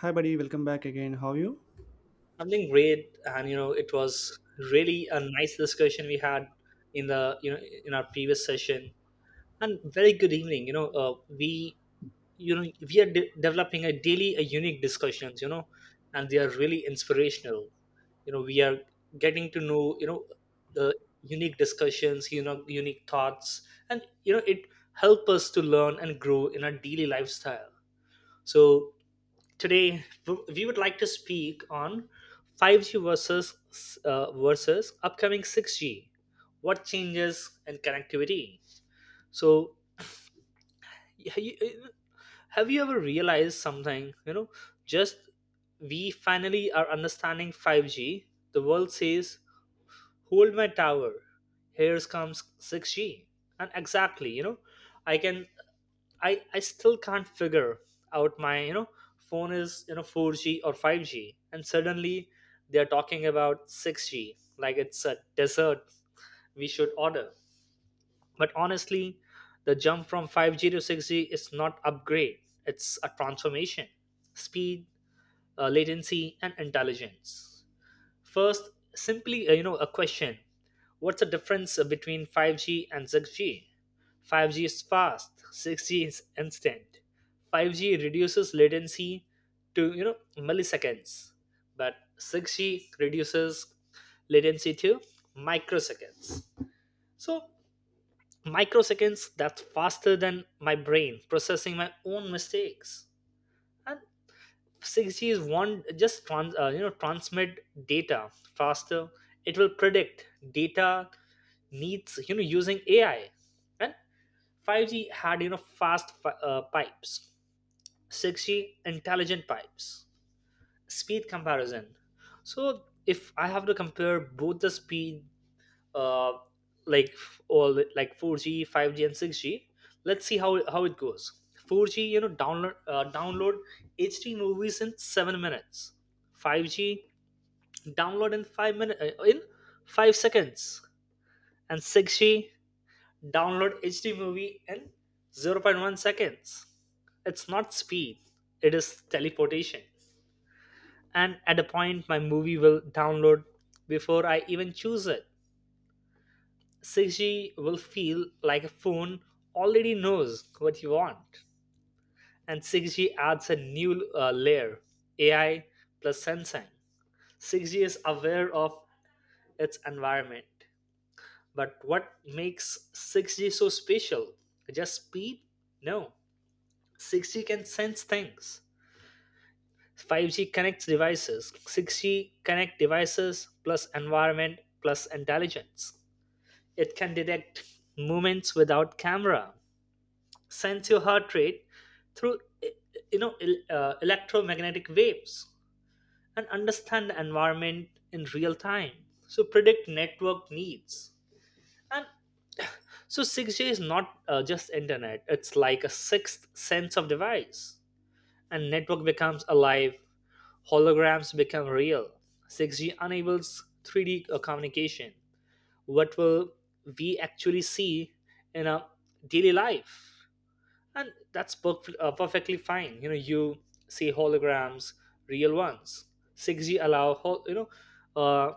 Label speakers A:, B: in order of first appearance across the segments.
A: Hi, buddy. Welcome back again. How are you?
B: Something great. And it was really a nice discussion we had in the you know in our previous session. And very good evening. We, you know we are developing a daily a unique discussions, and they are really inspirational. We are getting to know, the unique discussions, unique thoughts. And it help us to learn and grow in our daily lifestyle. So today, we would like to speak on 5G versus versus upcoming 6G. What changes in connectivity? So, y- y- have you ever realized something? Just we finally are understanding 5G. The world says hold my tower, here comes 6g, and exactly, I can, I still can't figure out my, phone is, 4g or 5g, and suddenly they're talking about 6g like it's a dessert we should order. But honestly, the jump from 5g to 6g is not upgrade, it's a transformation. Speed, latency, and intelligence. First, simply, a question. What's the difference, between 5G and 6G? 5G is fast, 6G is instant. 5G reduces latency to, milliseconds, but 6G reduces latency to microseconds. So microseconds, that's faster than my brain processing my own mistakes. And 6G is one just transmit data faster. It will predict data needs, using AI, and 5G had, fast pipes. 6G intelligent pipes. Speed comparison. So if I have to compare both the speed, uh, like like 4G, 5G, and 6G. Let's see how it goes. 4G, download HD movies in 7 minutes. 5G, download in 5 minute, in 5 seconds, and 6G, download HD movie in zero point 0.1 seconds. It's not speed; it is teleportation. And at a point, my movie will download before I even choose it. 6G will feel like a phone already knows what you want. And 6G adds a new, layer, AI plus sensing. 6G is aware of its environment. But what makes 6G so special? Just speed? No. 6G can sense things. 5G connects devices. 6G connect devices plus environment plus intelligence. It can detect movements without camera, sense your heart rate through electromagnetic waves, and understand the environment in real time, so predict network needs. And so 6g is not, just internet, it's like a sixth sense of device, and network becomes alive. Holograms become real. 6g enables 3d communication. What will we actually see in a daily life? And that's perfectly fine. You see holograms, real ones. 6g allow uh,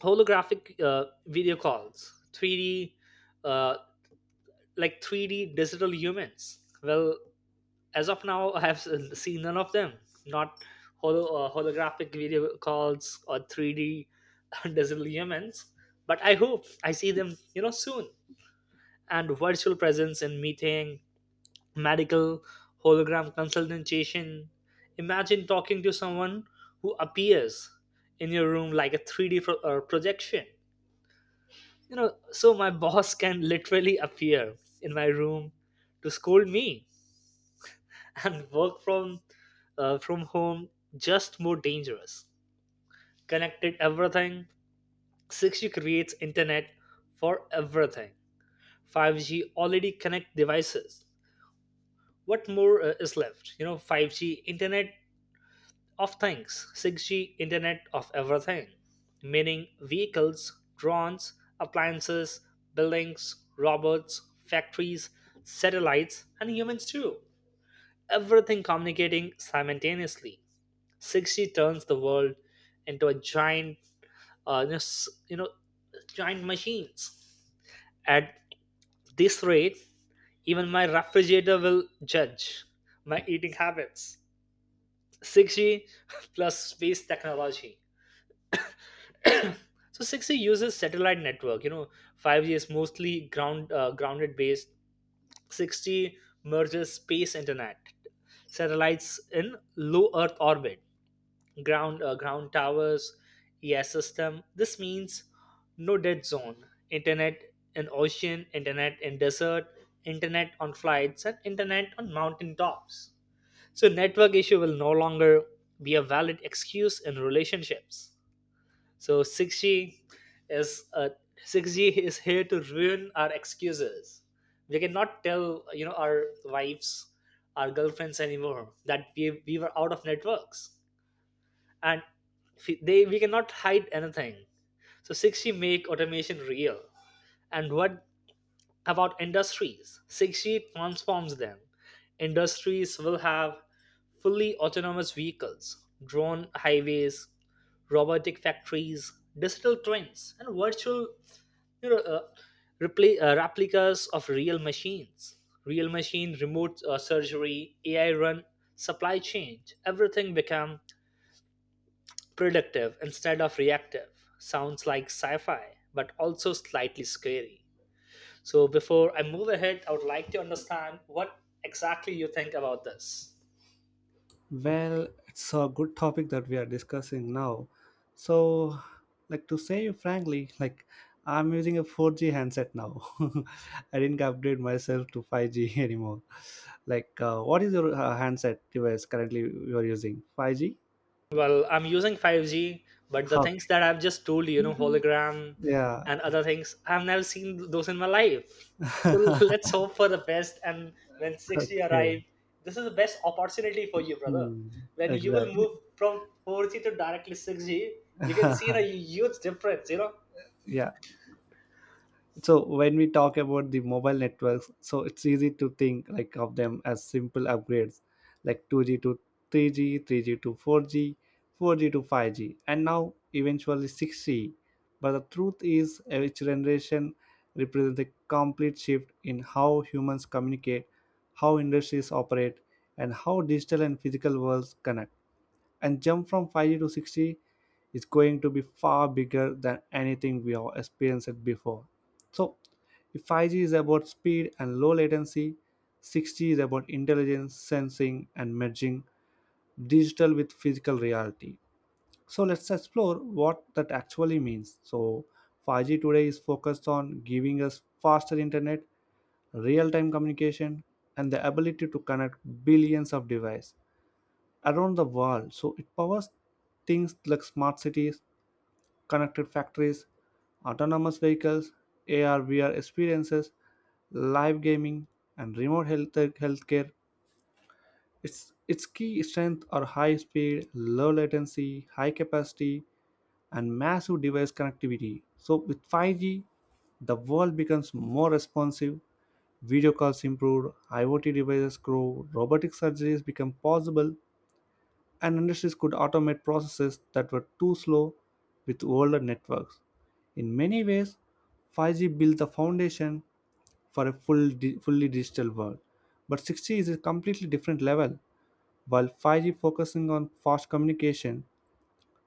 B: holographic, video calls, 3d, uh, 3d digital humans. Well, as of now I have seen none of them, not holographic video calls or 3d digital humans, but I hope I see them, soon. And virtual presence in meeting, medical hologram consultation. Imagine talking to someone who appears in your room like a 3D projection. So my boss can literally appear in my room to scold me, and work from, from home, just more dangerous. Connected everything. 6G creates internet for everything. 5G already connect devices. What more, is left? 5G internet of Things, 6G Internet of Everything, meaning vehicles, drones, appliances, buildings, robots, factories, satellites, and humans too. Everything communicating simultaneously. 6G turns the world into a giant, uh, you know, s- you know, giant machines. At this rate, even my refrigerator will judge my eating habits. 6G plus space technology. So 6G uses satellite network. 5G is mostly grounded based. 6G merges space internet, satellites in low Earth orbit, ground towers, ES system. This means no dead zone. Internet in ocean, internet in desert, internet on flights, and internet on mountain tops. So network issue will no longer be a valid excuse in relationships. So 6G is, 6G is here to ruin our excuses. We cannot tell, our wives, our girlfriends anymore that we were out of networks, and they we cannot hide anything. So 6G make automation real, and what about industries. 6G transforms them. Industries will have fully autonomous vehicles, drone highways, robotic factories, digital twins, and virtual, you know, uh, replicas of real machines. Real machine, remote, surgery, AI run supply chain. Everything become predictive instead of reactive. Sounds like sci-fi, but also slightly scary. So before I move ahead, I would like to understand what exactly you think about this.
A: Well, it's a good topic that we are discussing now. So, like to say you frankly, like I'm using a 4G handset now. I didn't upgrade myself to 5G anymore. Like, what is your handset device currently you are using? 5G?
B: Well, I'm using 5G, but the things
A: Okay.
B: that I've just told you, hologram
A: Yeah.
B: and other things, I've never seen those in my life. So let's hope for the best. And when 6G
A: Okay.
B: arrives, this is the best opportunity for you, brother.
A: Hmm.
B: When you will
A: Exactly.
B: move from 4G to directly 6G, you can see a huge difference,
A: Yeah. So when we talk about the mobile networks, so it's easy to think like of them as simple upgrades, like 2G to 3G, 3G to 4G, 4G to 5G, and now eventually 6G. But the truth is each generation represents a complete shift in how humans communicate, how industries operate, and how digital and physical worlds connect. And jump from 5G to 6G is going to be far bigger than anything we have experienced before. So, if 5G is about speed and low latency, 6G is about intelligence, sensing, and merging digital with physical reality. So, let's explore what that actually means. So, 5G today is focused on giving us faster internet, real time communication, and the ability to connect billions of devices around the world. So it powers things like smart cities, connected factories, autonomous vehicles, AR VR experiences, live gaming, and remote health healthcare. Its key strength are high speed, low latency, high capacity, and massive device connectivity. So with 5G, the world becomes more responsive, video calls improve, IoT devices grow, robotic surgeries become possible, and industries could automate processes that were too slow with older networks. In many ways, 5G built the foundation for a fully digital world. But 6G is a completely different level. While 5G focusing on fast communication,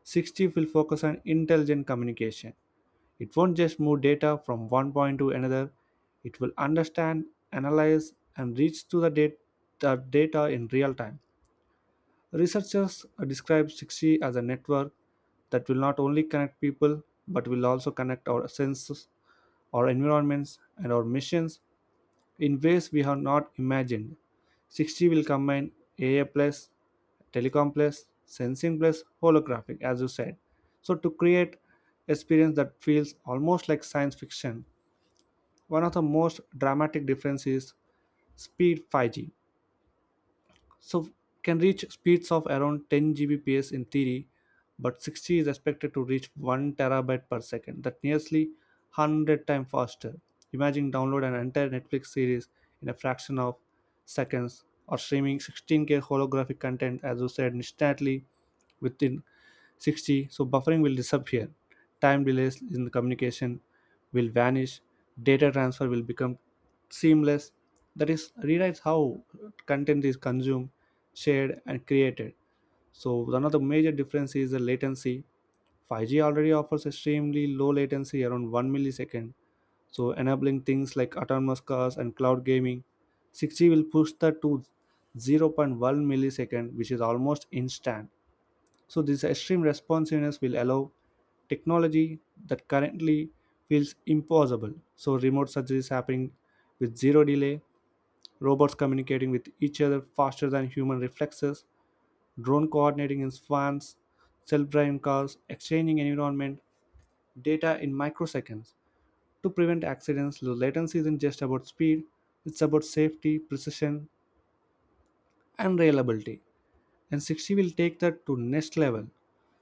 A: 6G will focus on intelligent communication. It won't just move data from one point to another, it will understand, analyze, and reach to the data in real time. Researchers describe 6G as a network that will not only connect people but will also connect our senses, our environments, and our missions in ways we have not imagined. 6G will combine AI plus, telecom plus, sensing plus, holographic, as you said. So to create experience that feels almost like science fiction. One of the most dramatic differences is speed 5G. So can reach speeds of around 10 Gbps in theory, but 60 is expected to reach 1 terabyte per second. That nearly 100 times faster. Imagine download an entire Netflix series in a fraction of seconds, or streaming 16K holographic content, as you said, instantly within 60. So buffering will disappear, time delays in the communication will vanish, data transfer will become seamless. That is rewrites how content is consumed, shared, and created. So one of the major difference is the latency. 5G already offers extremely low latency around 1 millisecond, so enabling things like autonomous cars and cloud gaming. 6G will push that to zero point 0.1 millisecond, which is almost instant. So, this extreme responsiveness will allow technology that currently feels impossible. So, remote surgery is happening with zero delay, robots communicating with each other faster than human reflexes, drone coordinating in swans, self driving cars, exchanging environment data in microseconds. To prevent accidents, low latency isn't just about speed, it's about safety, precision, and reliability. And 60 will take that to next level.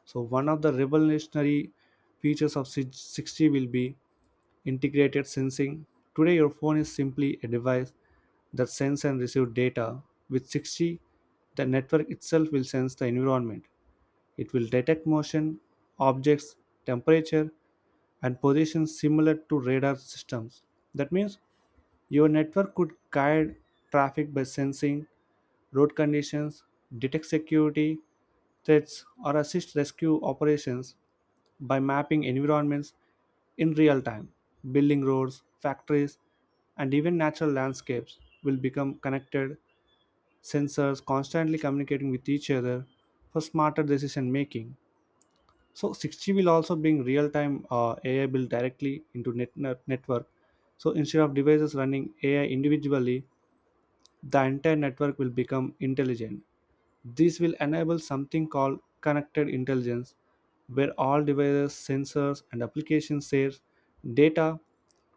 A: So one of the revolutionary features of 6G will be integrated sensing. Today your phone is simply a device that sends and receives data. With 6G, the network itself will sense the environment. It will detect motion, objects, temperature, and position similar to radar systems. That means your network could guide traffic by sensing road conditions, detect security threats, or assist rescue operations by mapping environments in real time. Building roads, factories, and even natural landscapes will become connected sensors constantly communicating with each other for smarter decision making. So 6G will also bring real-time AI built directly into network. So instead of devices running AI individually, the entire network will become intelligent. This will enable something called connected intelligence, where all devices, sensors, and applications share data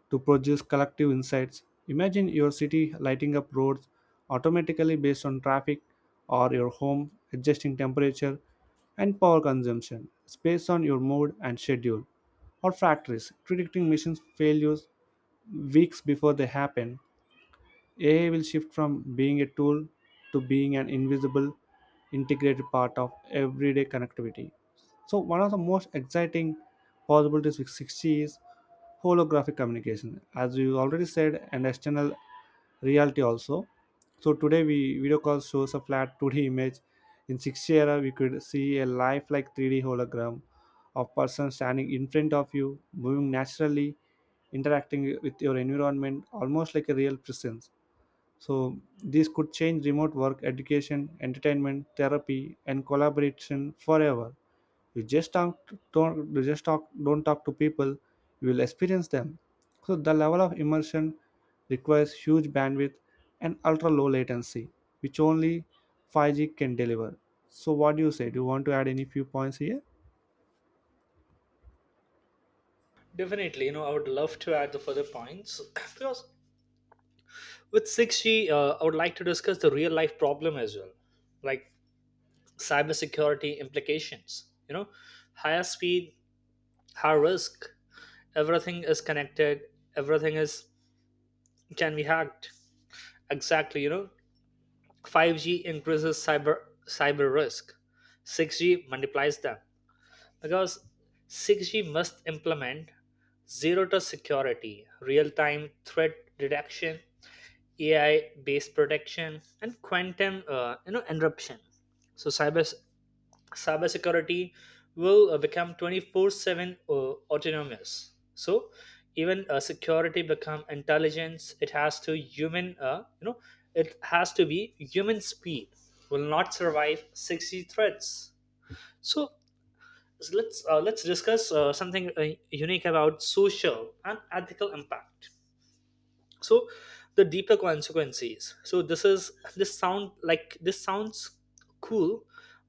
A: to produce collective insights. Imagine your city lighting up roads automatically based on traffic, or your home adjusting temperature and power consumption based on your mood and schedule, or factories predicting mission failures weeks before they happen. AI will shift from being a tool to being an invisible, integrated part of everyday connectivity. So, one of the most exciting possibilities with 6G is holographic communication, as we already said, and external reality also. So today we video call shows a flat 2D image. In 6G era, we could see a lifelike 3D hologram of person standing in front of you, moving naturally, interacting with your environment, almost like a real presence. So this could change remote work, education, entertainment, therapy, and collaboration forever. You just talk, don't talk to people. You will experience them. So the level of immersion requires huge bandwidth and ultra low latency, which only 5G can deliver. So what do you say? Do you want to add any few points here?
B: Definitely, I would love to add the further points because with 6G, I would like to discuss the real life problem as well, like cybersecurity implications. Higher speed, higher risk. Everything is connected. Everything is can be hacked. Exactly. 5G increases cyber risk. 6G multiplies them because 6G must implement zero trust security, real time threat detection, AI based protection, and quantum, interruption. So cybersecurity will, become 24/7, autonomous. So even, security become intelligence. It has to human, it has to be human speed will not survive 60 threats. So let's discuss, something, unique about social and ethical impact, so the deeper consequences. So this is this sounds cool,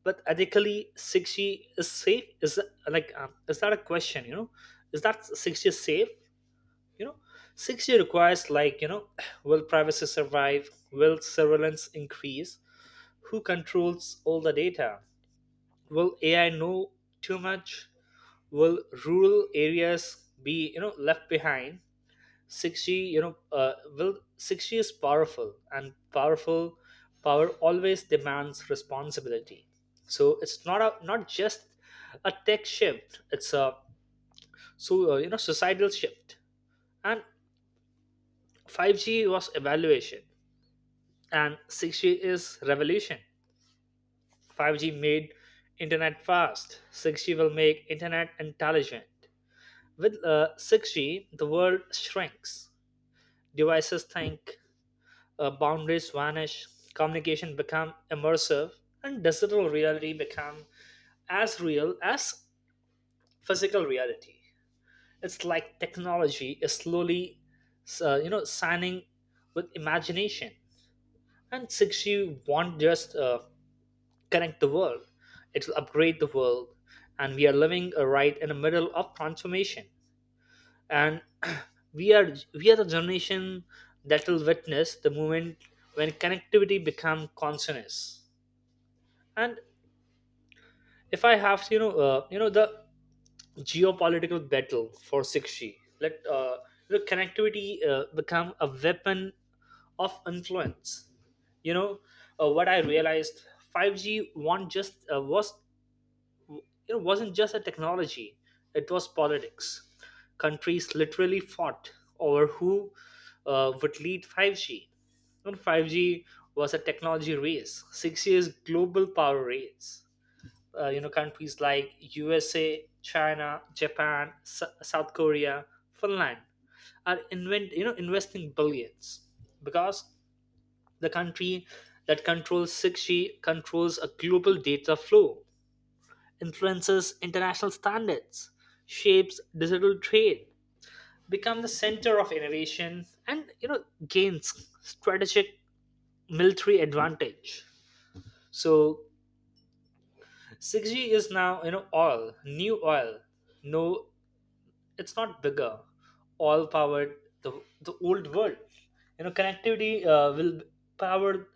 B: but ethically 6g is safe, is is that a question? Is that 6g safe? you know 6g requires, like, will privacy survive? Will surveillance increase? Who controls all the data? Will ai know too much? Will rural areas be, left behind? 6G, you know, will 6G is powerful, and powerful power always demands responsibility. So it's not a, not just a tech shift; it's a, societal shift. And 5G was evaluation, and 6G is revolution. 5G made internet fast. 6G will make internet intelligent. With, 6G, the world shrinks. Devices think, boundaries vanish, communication become immersive, and digital reality become as real as physical reality. It's like technology is slowly, signing with imagination. And 6G won't just, connect the world; it will upgrade the world. And we are living, right in the middle of transformation. And we are the generation that will witness the moment when connectivity become consciousness. And if I have to, the geopolitical battle for 6G, let, the connectivity, become a weapon of influence. You know, what I realized, 5G won't just was, wasn't just a technology; it was politics. Countries literally fought over who, would lead 5G. And 5G was a technology race. 6G is global power race. Countries like USA, China, Japan, South Korea, Finland are invent you know investing billions, because the country that controls 6G controls a global data flow, influences international standards, shapes digital trade, become the center of innovation, and, gains strategic military advantage. So 6G is now, oil, new oil, no, it's not bigger, all powered, the, the old world, connectivity, will power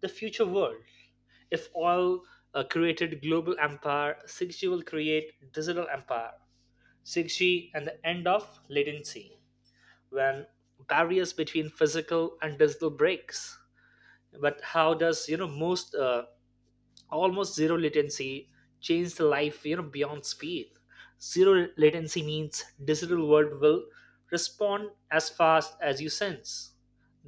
B: the future world. If all, created global empire, 6g will create digital empire. 6g and the end of latency. When barriers between physical and digital breaks, but how does, most, almost zero latency changed life, beyond speed? Zero latency means digital world will respond as fast as you sense.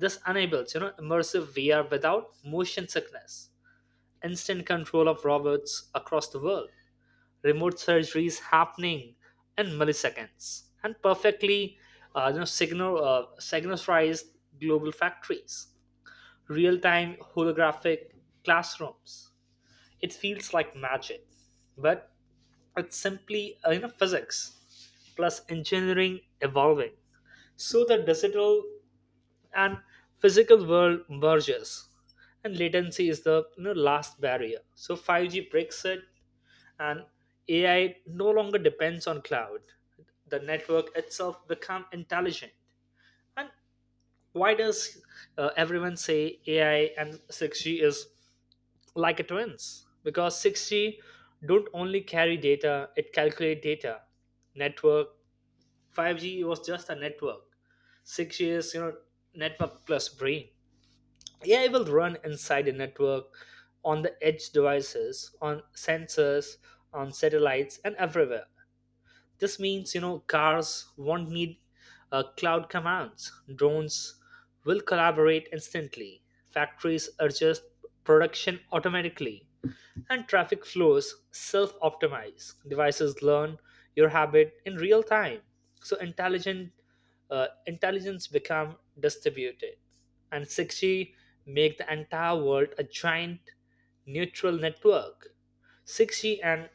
B: This enables, immersive vr without motion sickness, instant control of robots across the world, remote surgeries happening in milliseconds and perfectly, you know signal synchronized global factories, real-time holographic classrooms. It feels like magic, but it's simply, physics plus engineering evolving. So the digital and physical world merges, and latency is the, last barrier. So 5G breaks it, and AI no longer depends on cloud. The network itself become intelligent. And why does, everyone say AI and 6G is like a twins, because 6G don't only carry data, it calculate data. Network 5G was just a network. 6G is, network plus brain. AI will run inside the network, on the edge devices, on sensors, on satellites, and everywhere. This means, cars won't need, cloud commands. Drones will collaborate instantly. Factories adjust production automatically, and traffic flows self-optimize. Devices learn your habit in real time. So intelligent intelligence become distributed. And 6G make the entire world a giant neutral network. 6G and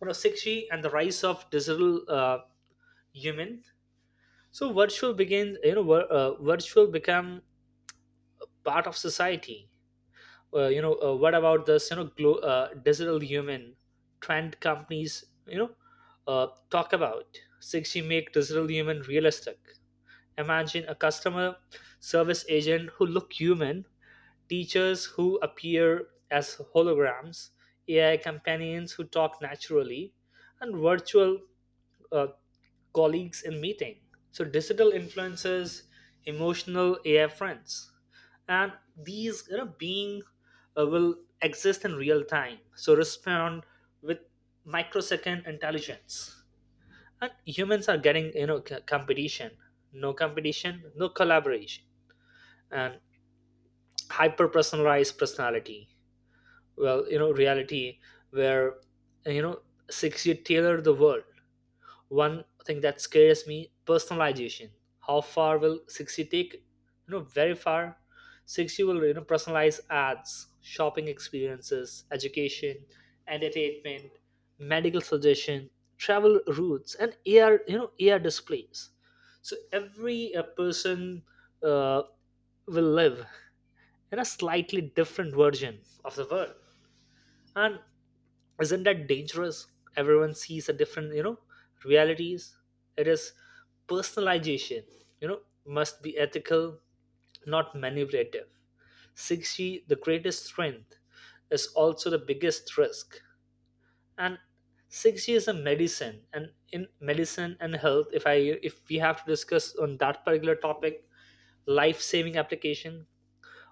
B: you know 6G and the rise of digital human. So virtual begins you know vir- virtual become part of society, what about this, digital human trend companies, talk about 60 make digital human realistic. Imagine a customer service agent who look human, teachers who appear as holograms, ai companions who talk naturally, and virtual uh, colleagues in meeting. So digital influencers, emotional AI friends, and these being will exist in real time. So respond with microsecond intelligence. And humans are getting competition. No competition, no collaboration, and hyper personalized personality. Well, reality where, you know six, you tailor the world. One thing that scares me: personalization. How far will 60 take you know Very far. 60 will, personalize ads, shopping experiences, education, entertainment, medical suggestion, travel routes, and ar you know ar displays. So every person uh, will live in a slightly different version of the world. And isn't that dangerous? Everyone sees a different, realities. It is. Personalization, you know must be ethical, not manipulative. 6g the greatest strength is also the biggest risk. And 6g is a medicine. And in medicine and health, if we have to discuss on that particular topic, life saving application.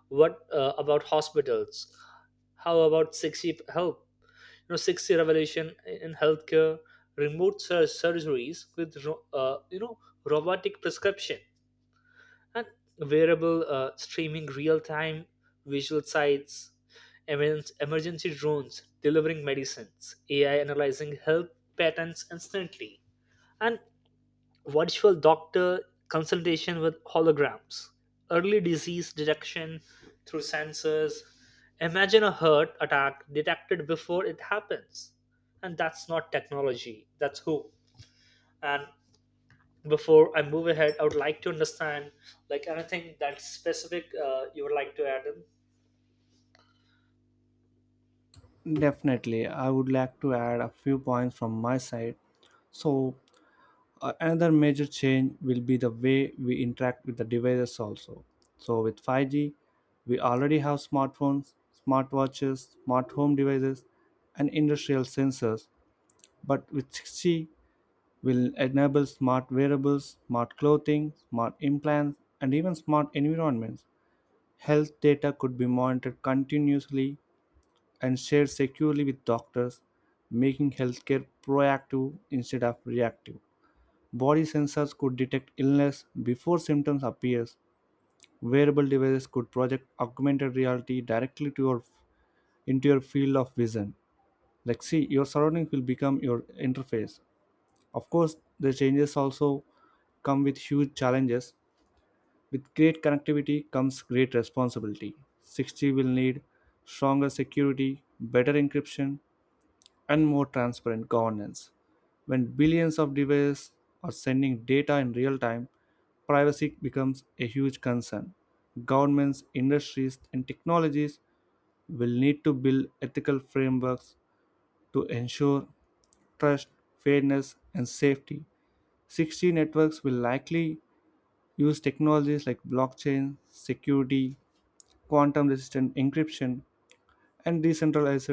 B: What about hospitals? How about 6g help? You know, six revolution in healthcare, remote surgeries with robotic prescription, and wearable streaming real-time visual sites, emergency drones delivering medicines, AI analyzing health patterns instantly, and virtual doctor consultation with holograms, early disease detection through sensors. Imagine a heart attack detected before it happens. And that's not technology, that's hope. And before I move ahead, I would like to understand, like, anything that's specific you would like to add in.
A: Definitely, I would like to add a few points from my side. So, another major change will be the way we interact with the devices also. So with 5G, we already have smartphones, smartwatches, smart home devices, and industrial sensors. But with 6G, we'll enable smart wearables, smart clothing, smart implants, and even smart environments. Health data could be monitored continuously and shared securely with doctors, making healthcare proactive instead of reactive. Body sensors could detect illness before symptoms appear. Wearable devices could project augmented reality directly to your into your field of vision. Like see, your surroundings will become your interface. Of course, the changes also come with huge challenges. With great connectivity comes great responsibility. 6G will need stronger security, better encryption, and more transparent governance. When billions of devices are sending data in real time, privacy becomes a huge concern. Governments, industries, and technologies will need to build ethical frameworks to ensure trust, fairness, and safety. 6G networks will likely use technologies like blockchain, security, quantum resistant encryption, and decentralized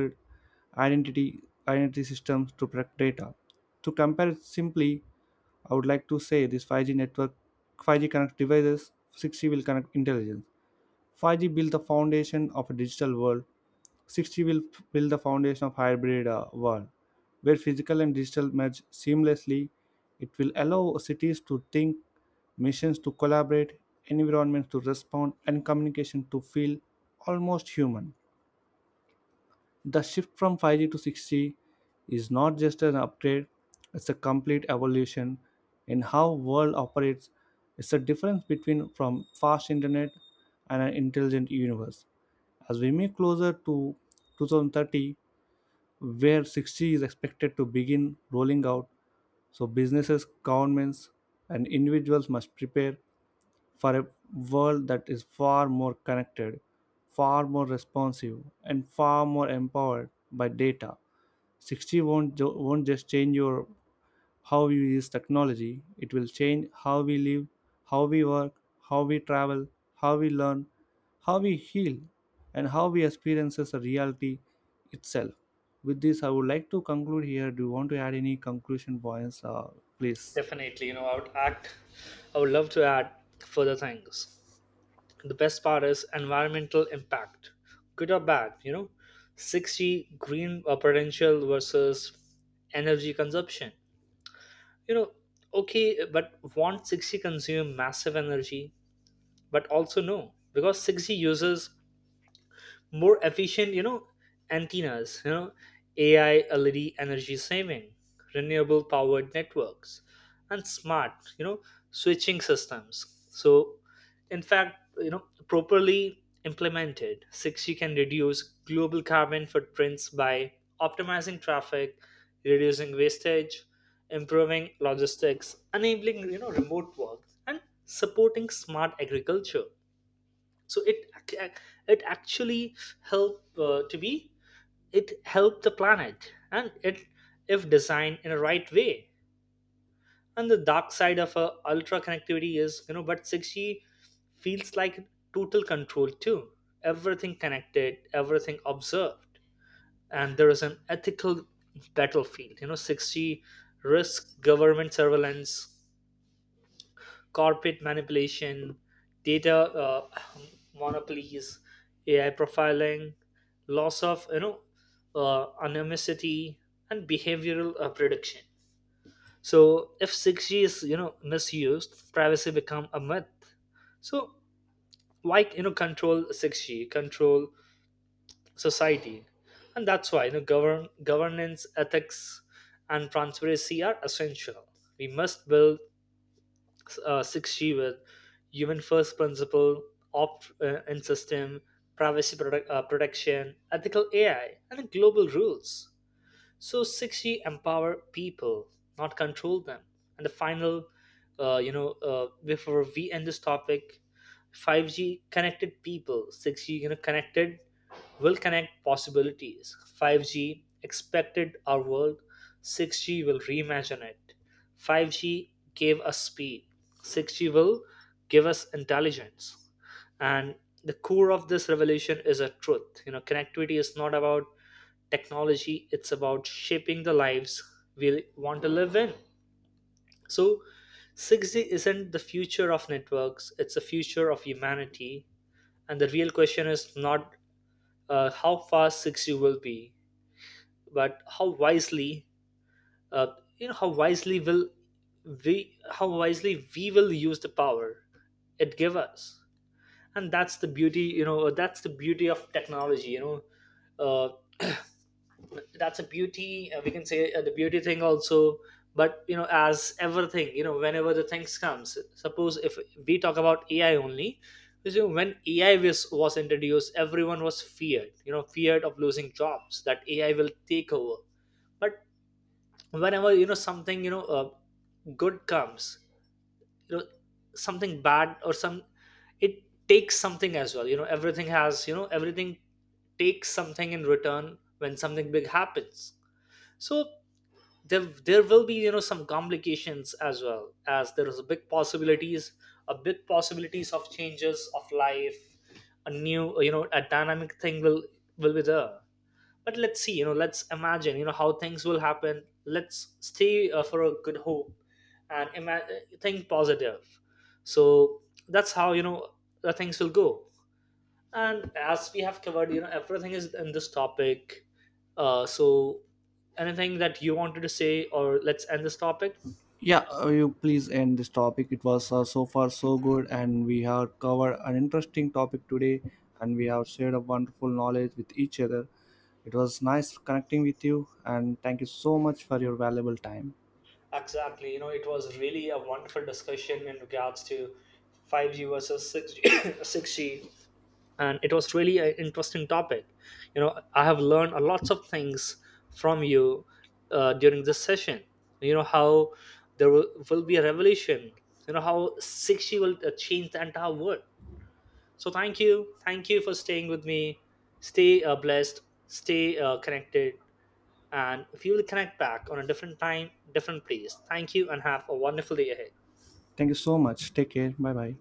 A: identity identity systems to protect data. To compare it simply, I would like to say this 5G network 5G connects devices, 6G will connect intelligence. 5G built the foundation of a digital world. 6G will build the foundation of hybrid world where physical and digital merge seamlessly. It will allow cities to think, missions to collaborate, environments to respond, and communication to feel almost human. The shift from 5G to 6G is not just an upgrade, it's a complete evolution in how world operates. It's the difference between from fast internet and an intelligent universe. As we move closer to 2030, where 6G is expected to begin rolling out, so businesses, governments, and individuals must prepare for a world that is far more connected, far more responsive, and far more empowered by data. 60 won't just change your how you use technology, it will change how we live, how we work, how we travel, how we learn, how we heal, and how we experiences the reality itself. With this, I would like to conclude here. Do you want to add any conclusion points, please?
B: Definitely, you know, I would love to add further things. The best part is environmental impact, good or bad. 60 green potential versus energy consumption. you know okay, but won't want 60 consume massive energy? But also no, because 60 uses more efficient antennas, ai led energy saving, renewable powered networks, and smart you know switching systems. So in fact, properly implemented, 6g can reduce global carbon footprints by optimizing traffic, reducing wastage, improving logistics, enabling remote work, and supporting smart agriculture. So it actually helped to be it helped the planet, and it, if designed in a right way. And the dark side of ultra connectivity is, but 6g feels like total control too. Everything connected, everything observed. And there is an ethical battlefield. 6g risks government surveillance, corporate manipulation, data, monopolies, AI profiling, loss of anonymity, and behavioral prediction. So if 6G is, misused, privacy become a myth. So why, control 6G, control society. And that's why, governance, ethics, and transparency are essential. We must build 6G with human first principle, opt in system, privacy protection, ethical AI, and global rules, so 6g empower people, not control them. And the final, before we end this topic, 5g connected people, 6g you know connected, will connect possibilities. 5g expected our world, 6g will reimagine it. 5g gave us speed, 6g will give us intelligence. And the core of this revolution is a truth: connectivity is not about technology, it's about shaping the lives we want to live in. So 6g isn't the future of networks, it's the future of humanity. And the real question is not how fast 6g will be, but how wisely, uh, you know how wisely will we how wisely we will use the power it give us. And that's the beauty, that's the beauty of technology. Uh, that's a beauty, we can say, the beauty thing also. But, as everything, whenever the things comes, suppose if we talk about ai only, because, you know, when ai was introduced, everyone was feared, feared of losing jobs, that ai will take over. But whenever, something, good comes, you know something bad, or some, it takes something as well. Everything has, everything takes something in return when something big happens. So there will be, some complications, as well as there is a big possibilities. A big possibilities of changes of life. A new, a dynamic thing will be there. But let's see, let's imagine, how things will happen. Let's stay for a good hope, and think positive. So that's how, the things will go. And as we have covered, everything is in this topic. So anything that you wanted to say, or let's end this topic?
A: Yeah, you please end this topic. It was so far so good, and we have covered an interesting topic today, and we have shared a wonderful knowledge with each other. It was nice connecting with you, and thank you so much for your valuable time.
B: Exactly. You know, it was really a wonderful discussion in regards to 5G versus 6G. 6G. And it was really an interesting topic. I have learned a lots of things from you during this session, how there will be a revolution, how 6g will change the entire world. So thank you. Thank you for staying with me. Stay blessed, stay connected, and we will connect back on a different time, different place. Thank you, and have a wonderful day ahead.
A: Thank you so much. Take care. Bye bye.